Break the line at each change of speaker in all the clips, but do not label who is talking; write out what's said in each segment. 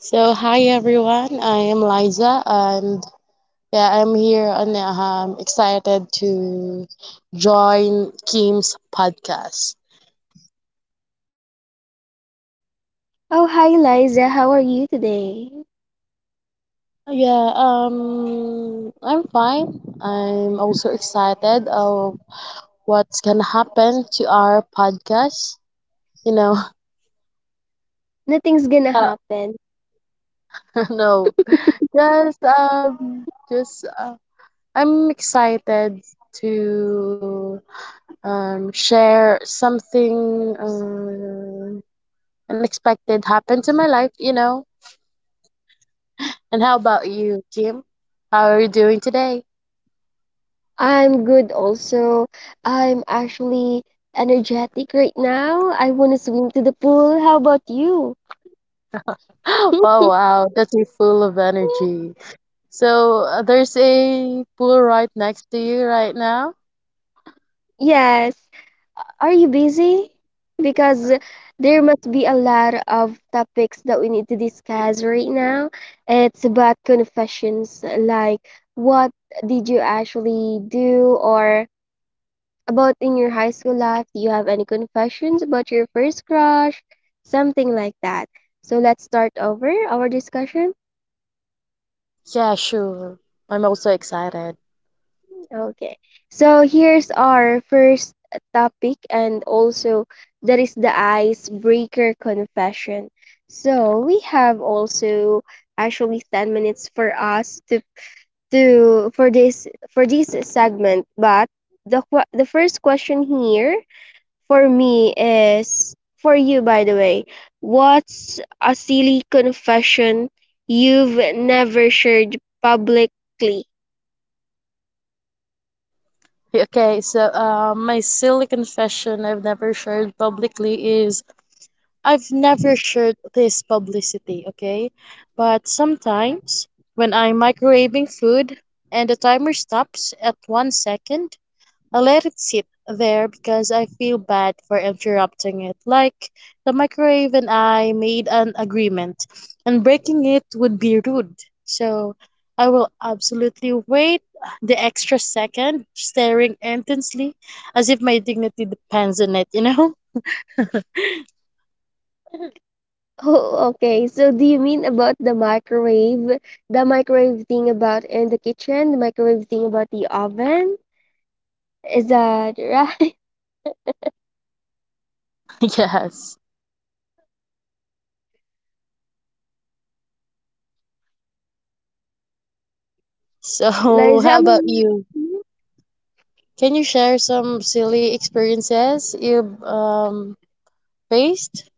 So hi everyone, I am Liza, and yeah, I'm here and I'm excited to join Kim's podcast. Yeah, I'm fine. I'm also excited of what's gonna happen to our podcast. You know, ha- No, just I'm excited to share something. Unexpected happens in my life, you know. And how about you, Kim? How are you doing today? Oh wow, that's you full of energy. So there's a pool right next to you right now. Yeah, sure. I'm also excited. Okay, so my silly confession I've never shared publicly is I've never shared this publicity, okay? But sometimes when I'm microwaving food and the timer stops at one second, I let it sit there because I feel bad for interrupting it. Like the microwave and I made an agreement, and breaking it would be rude. So I will absolutely wait the extra second, staring intensely as if my dignity depends on it, you know? Yes. So, how about you? Can you share some silly experiences you've faced?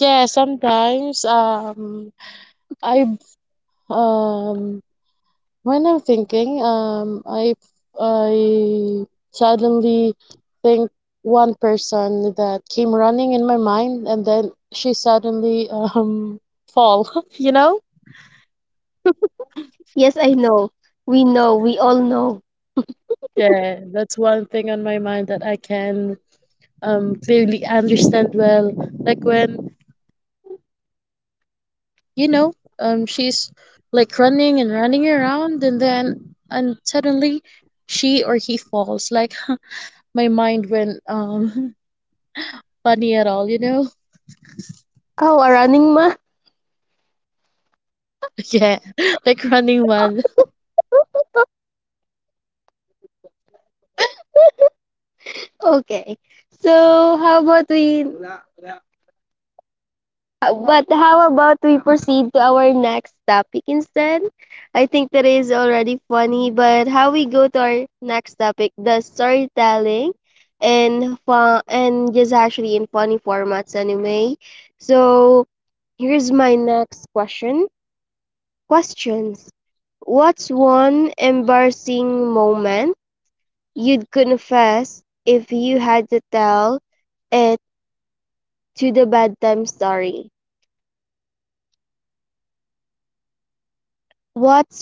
Yeah, sometimes I Um, when I'm thinking, I suddenly think one person that came running in my mind, and then she suddenly fall. You know? Yeah, that's one thing on my mind that I can clearly understand well. Like when you know, she's like running and running around, and then and suddenly she or he falls. Like my mind went funny at all, you know? Yeah, like running one.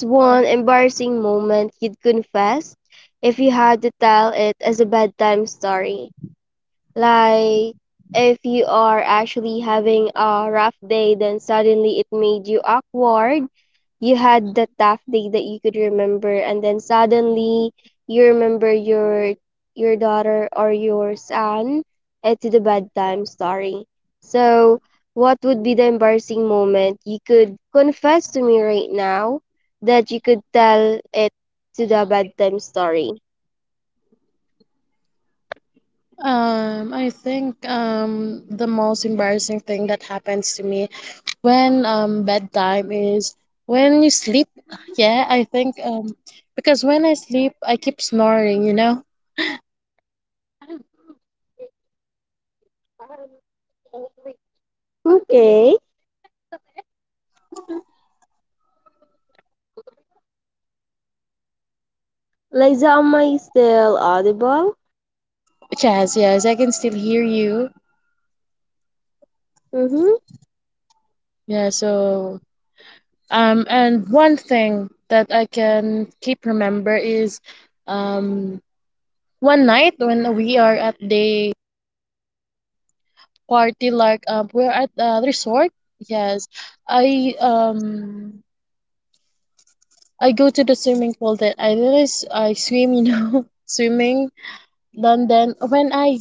Um, I think the most embarrassing thing that happens to me when bedtime is when you sleep. Yeah, I think because when I sleep, I keep snoring, you know? Yes, yes, I can still hear you. Yeah, so and one thing that I can keep remember is um one night when we are at the party, like we're at a resort. Yes, I I go to the swimming pool, then I realize I swim, you know, swimming. Then when I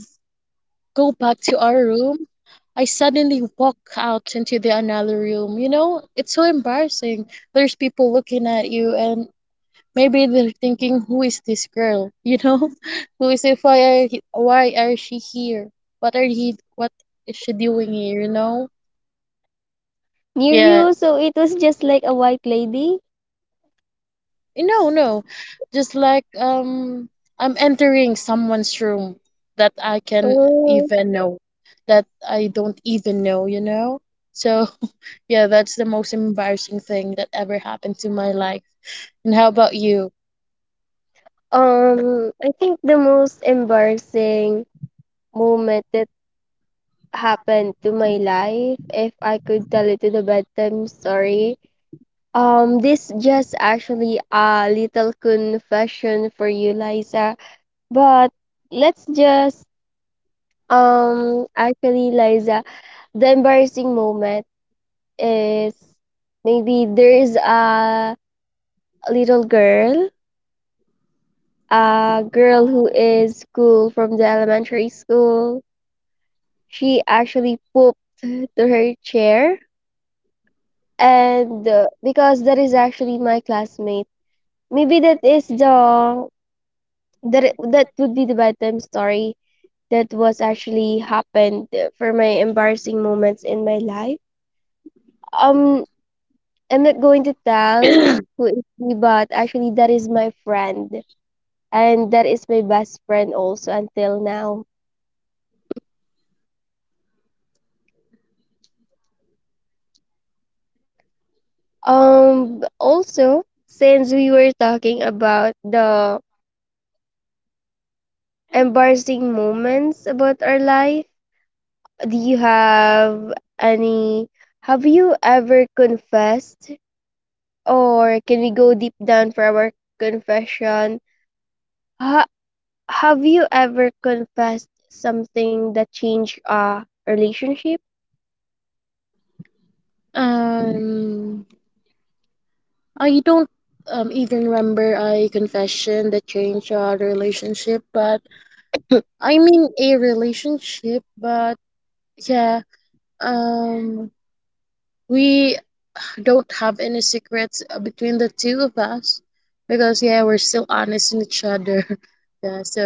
go back to our room, I suddenly walk out into the another room, you know, it's so embarrassing. There's people looking at you, and maybe they're thinking who is this girl, you know, who is it why are he- why are she here, what are he what is she doing here, you know? Yeah. No, no. Just like I'm entering someone's room that even know I don't even know, you know? So yeah, that's the most embarrassing thing that ever happened to my life. And how about you? Um I don't even remember a confession that changed our relationship, but I mean a relationship, but yeah, um we don't have any secrets between the two of us because yeah we're still honest in each other. Yeah, so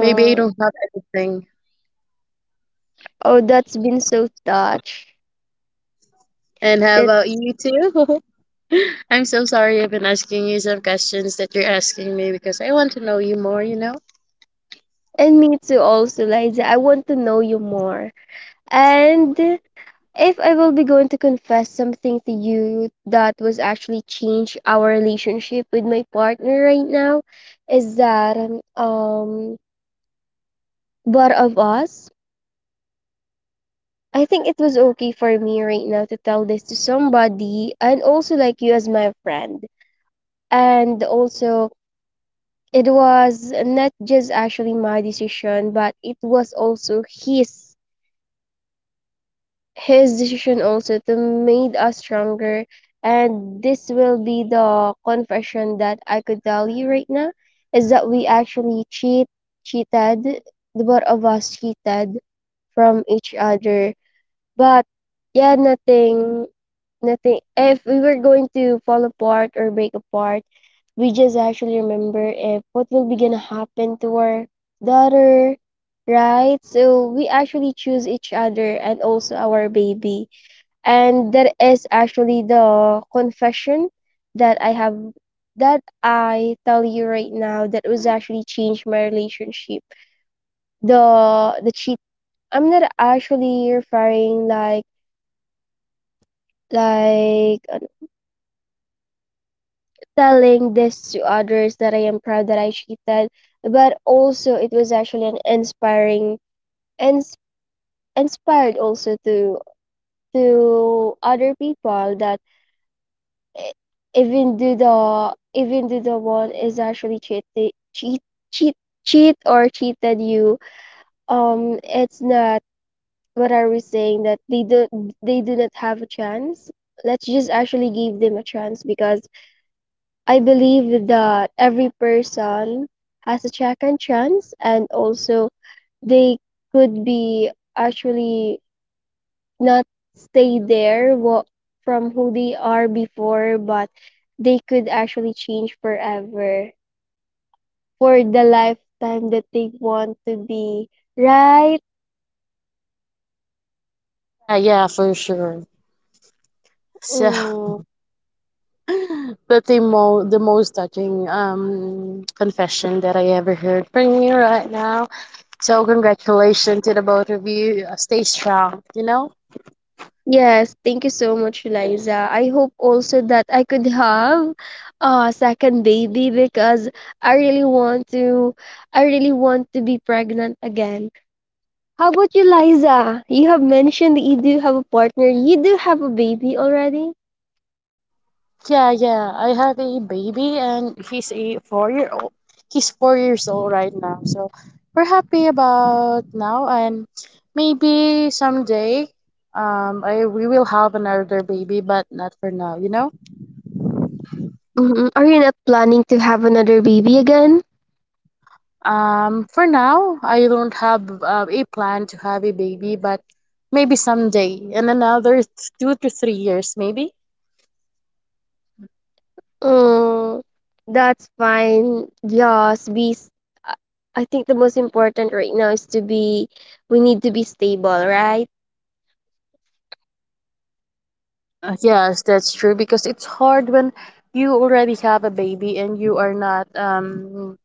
maybe I don't have anything. And how about you too? I'm so sorry I've been asking you some questions that you're asking me because I want to know you more, you know. Yeah, yeah, for sure. So but the most touching confession that I ever heard from you right now, so congratulations to the both of you. Stay strong, you know. Yeah, yeah. I have a baby and he's a four-year-old. He's four years old right now. So we're happy about now, and maybe someday I we will have another baby but not for now, you know? For now I don't have a plan to have a baby, but maybe someday in another two to three years maybe. Yes, that's true because it's hard when you already have a baby and you are not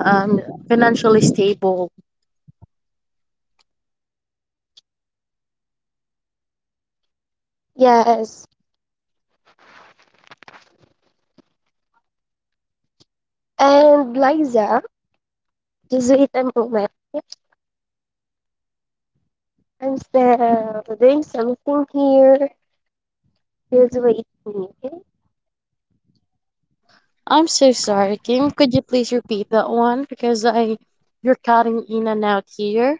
um, financially stable. I'm so sorry, Kim. Could you please repeat that one? Because I, you're cutting in and out here.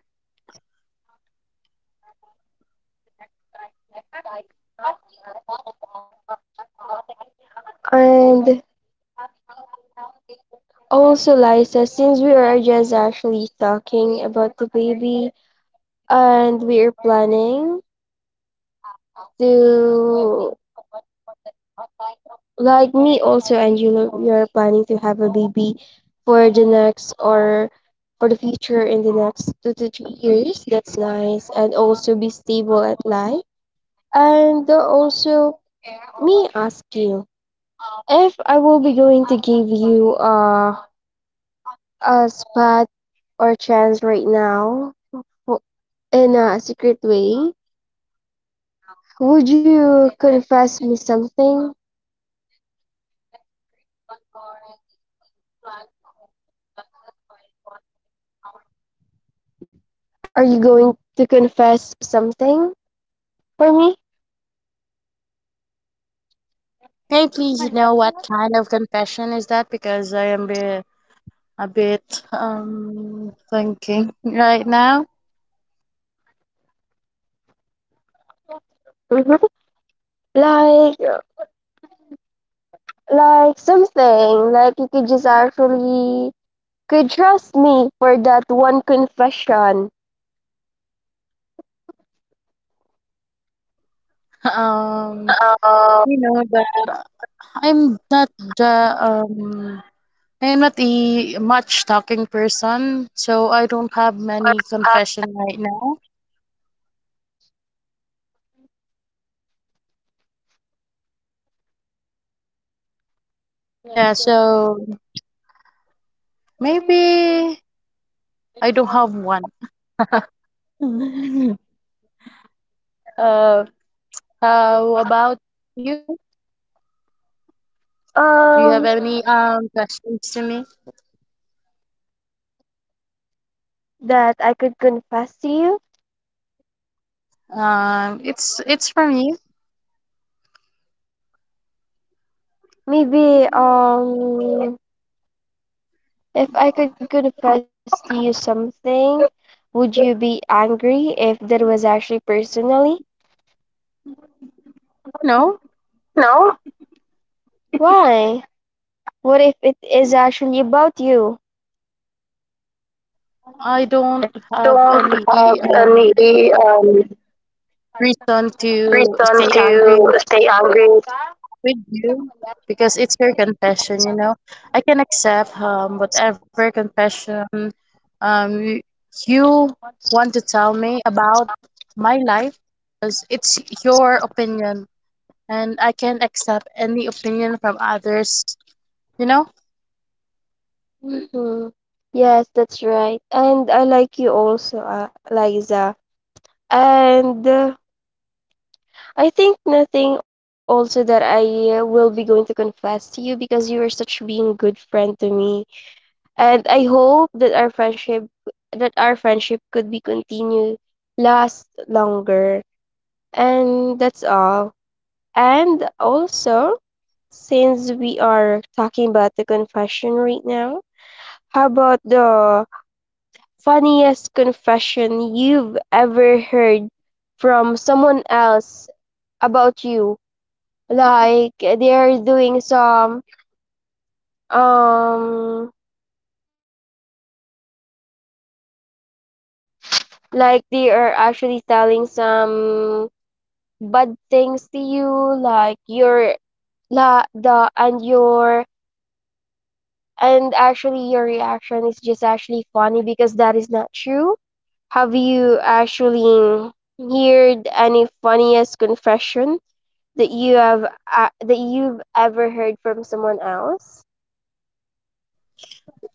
May I please know what kind of confession is that? Because a bit thinking right now. Um, you know that I'm not the um. I'm not a much talking person, so I don't have many confession right now. Yeah, so maybe I don't have one. Uh, how about you? Do you have any questions to me? It's for me. No,
No,
I don't have
don't have
any um
any
reason to
reason
stay
to
angry with
stay angry.
you because it's your confession. You know, I can accept whatever confession um y- you want to tell me about my life because it's your opinion, and I can accept any opinion from others, you know?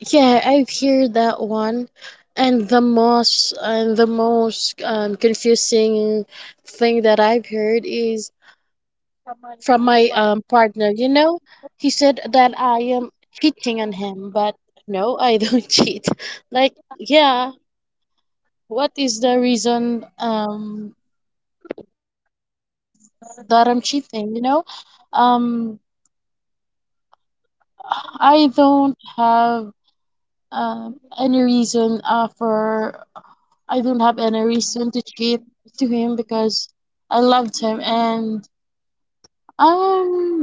Yeah, I've heard that one. And the most confusing thing that I've heard is from my partner. You know, he said that I am cheating on him, but no, I don't cheat. Like, yeah, what is the reason that I'm cheating? You know, um, I don't have any reason for I don't have any reason to cheat to him because I loved him, and um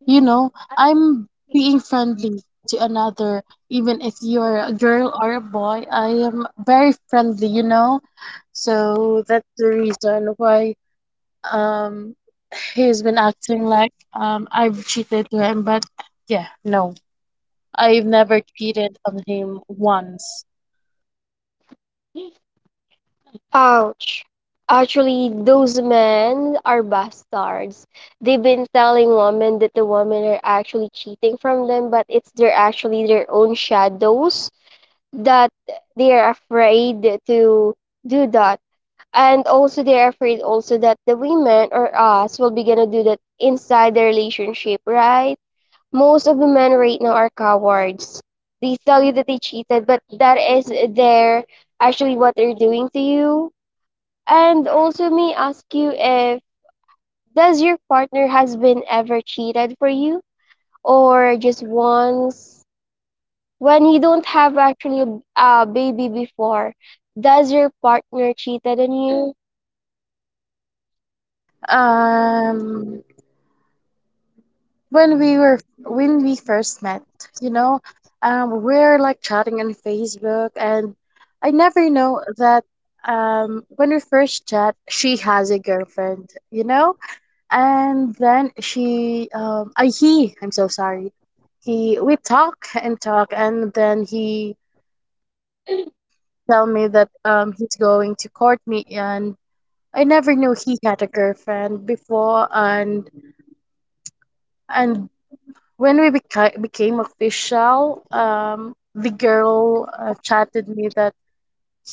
you know I'm being friendly to another, even if you're a girl or a boy, I am very friendly, you know. So that's the reason why um he's been acting like I've cheated to him, but yeah no, I've never cheated on him once. um when we first met, you know, we're like chatting on Facebook, and I never know that when we first chat she has a girlfriend, you know. And then she I he I'm so sorry, he we talk and talk, and then he tell me that he's going to court me, and I never knew he had a girlfriend before. And and When we beca- became official, the girl chatted me that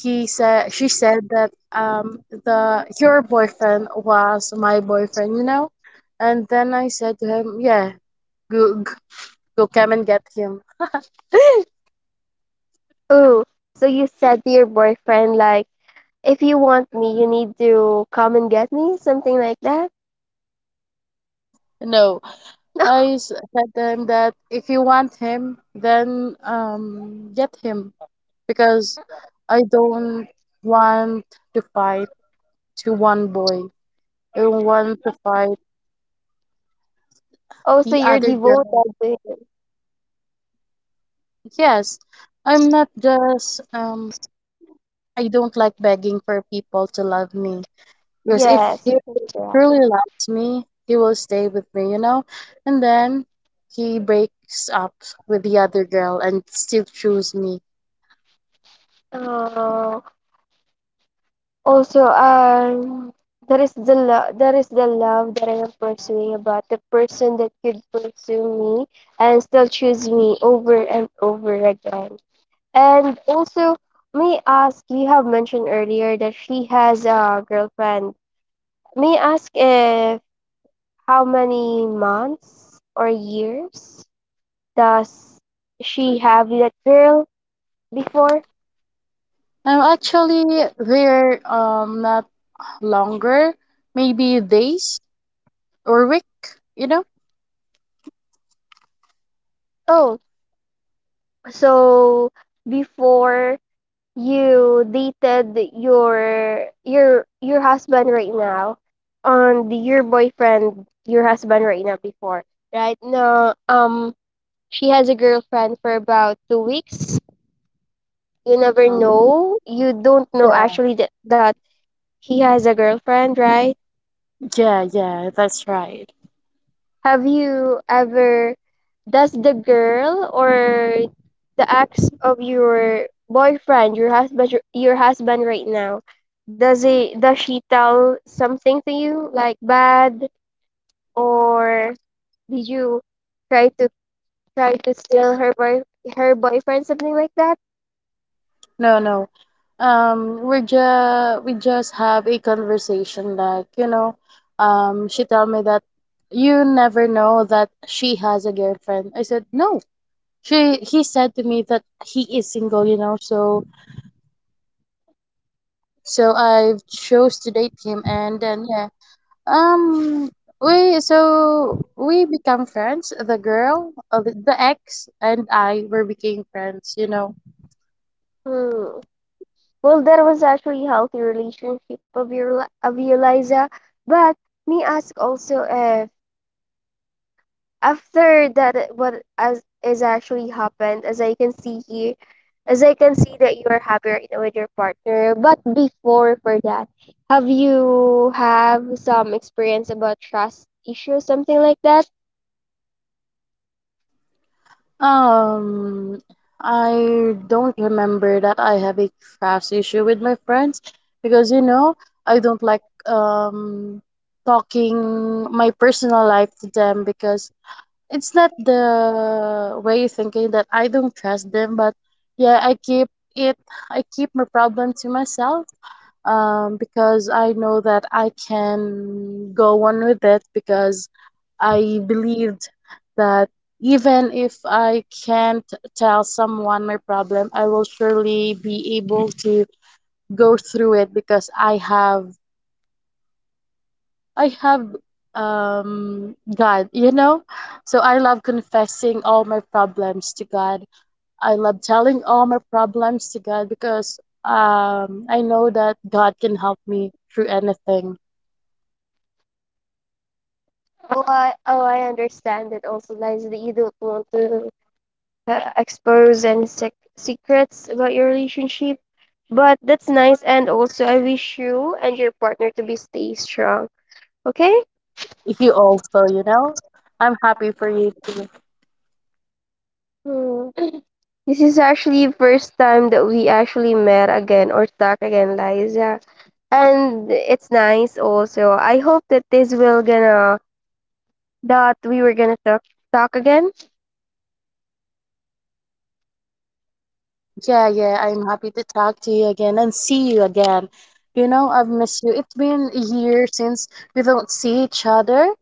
he said she said that the your boyfriend was my boyfriend, you know. And then I said to him, yeah, go go, go come and get him. No, I said to him that if you want him, then get him because I don't want to fight to one boy. I don't want to fight the other girl. Yes, I'm not just I don't like begging for people to love me because if he truly loves me, he will stay with me, you know? And then he breaks up with the other girl and still choose me. Actually they're not longer, maybe days or week, you know? Um yeah, yeah, yeah, that's right. No, no. We just have a conversation like, you know, she tell me that you never know that she has a girlfriend. I said, "No." She he said to me that he is single, you know. So I chose to date him, and then yeah. Um we so we become friends. The girl, the ex and I were became friends, you know. Um, I don't remember that I have a trust issue with my friends because you know I don't like talking my personal life to them because it's not the way of thinking that I don't trust them, but yeah, it, I keep my problem to myself, because I know that I can go on with it because I believed that even if I can't tell someone my problem, I will surely be able to go through it because I have God, you know? So I love confessing all my problems to God. I love telling all my problems to God because I know that God can help me through anything. If you also, you know? I'm happy for you too. Yeah, yeah, I'm happy to talk to you again and see you again. You know, I've missed you. It's been a year since we don't see each other.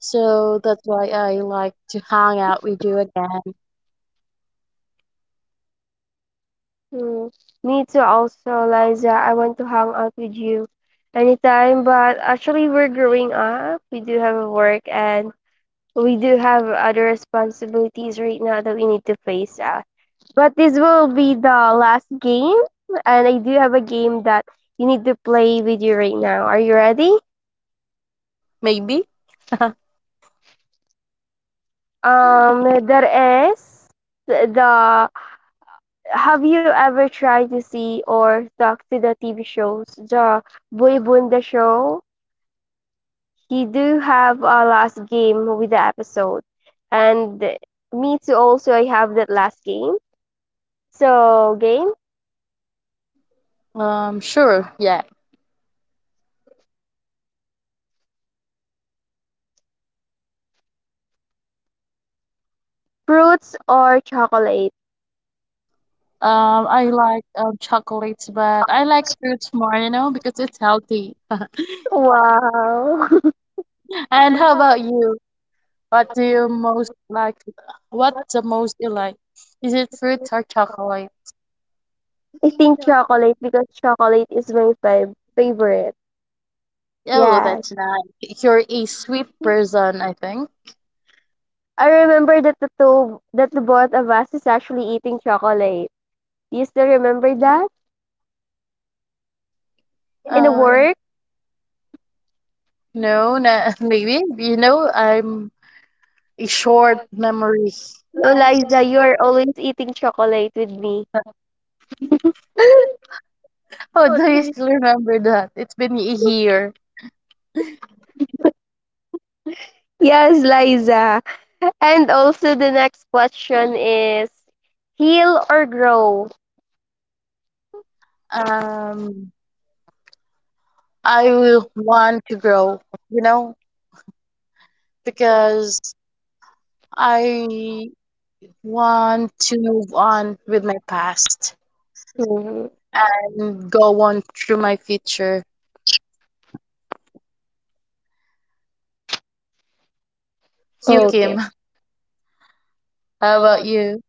So that's why I like to hang out with you again. Maybe. Sure, yeah. I like chocolates, but I like fruits more, you know, because it's healthy. And how about you? What do you most like? What the most you like? Is it fruits or chocolate? Oh, that's nice. You're a sweet person, I think. Um, no, na maybe. You know, I'm a short memory. How do you still remember that? It's been a year. Um, I will want to grow, you know, because I want to move on with my past and go on through my future. You, Kim, how about you?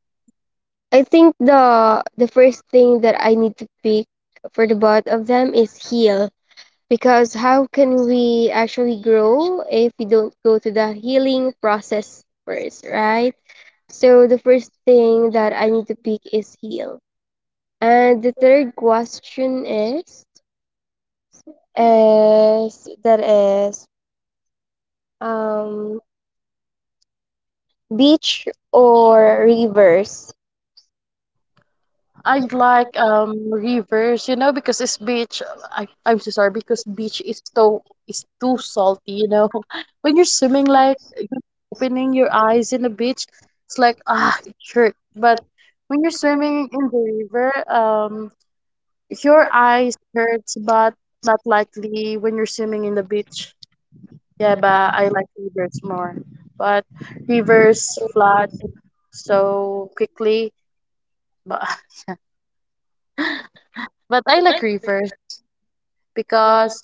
I like rivers, you know, because it's beach. I'm so sorry because beach is so is too salty, you know. When you're swimming, like opening your eyes in the beach, it's like ah, it hurt. But when you're swimming in the river, your eyes hurts, but not likely when you're swimming in the beach. Yeah, but I like rivers more. But rivers flood so quickly. But, but I like rivers because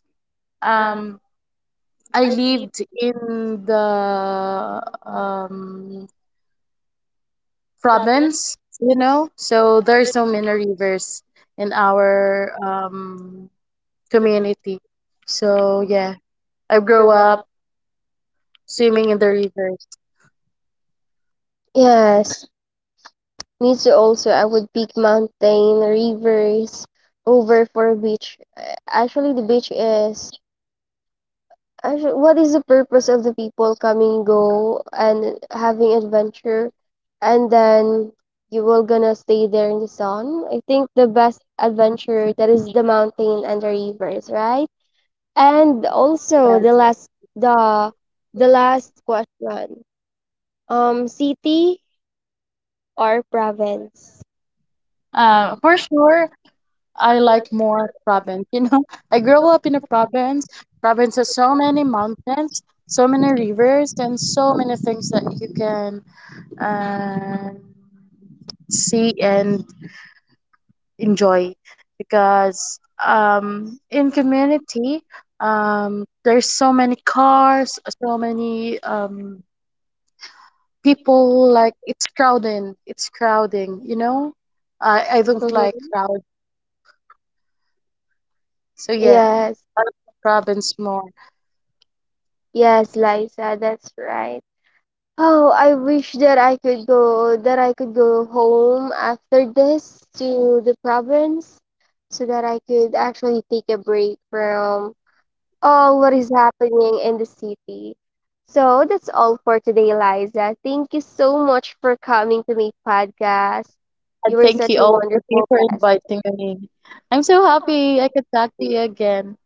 um I lived in the um province, you know, so there's so many rivers in our community. So yeah, I grew up swimming in the river. Yes. Yes. For sure, I like more province. You know, I grew up in a province. Province has so many mountains, so many rivers, and so many things that you can um see and enjoy. Because in community, there's so many cars, so many people. Like it's crowding. It's crowding. You know, I don't like crowd. So yeah, province more. And thank you all for you for inviting me. I'm so happy I could talk to you again.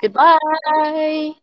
Goodbye.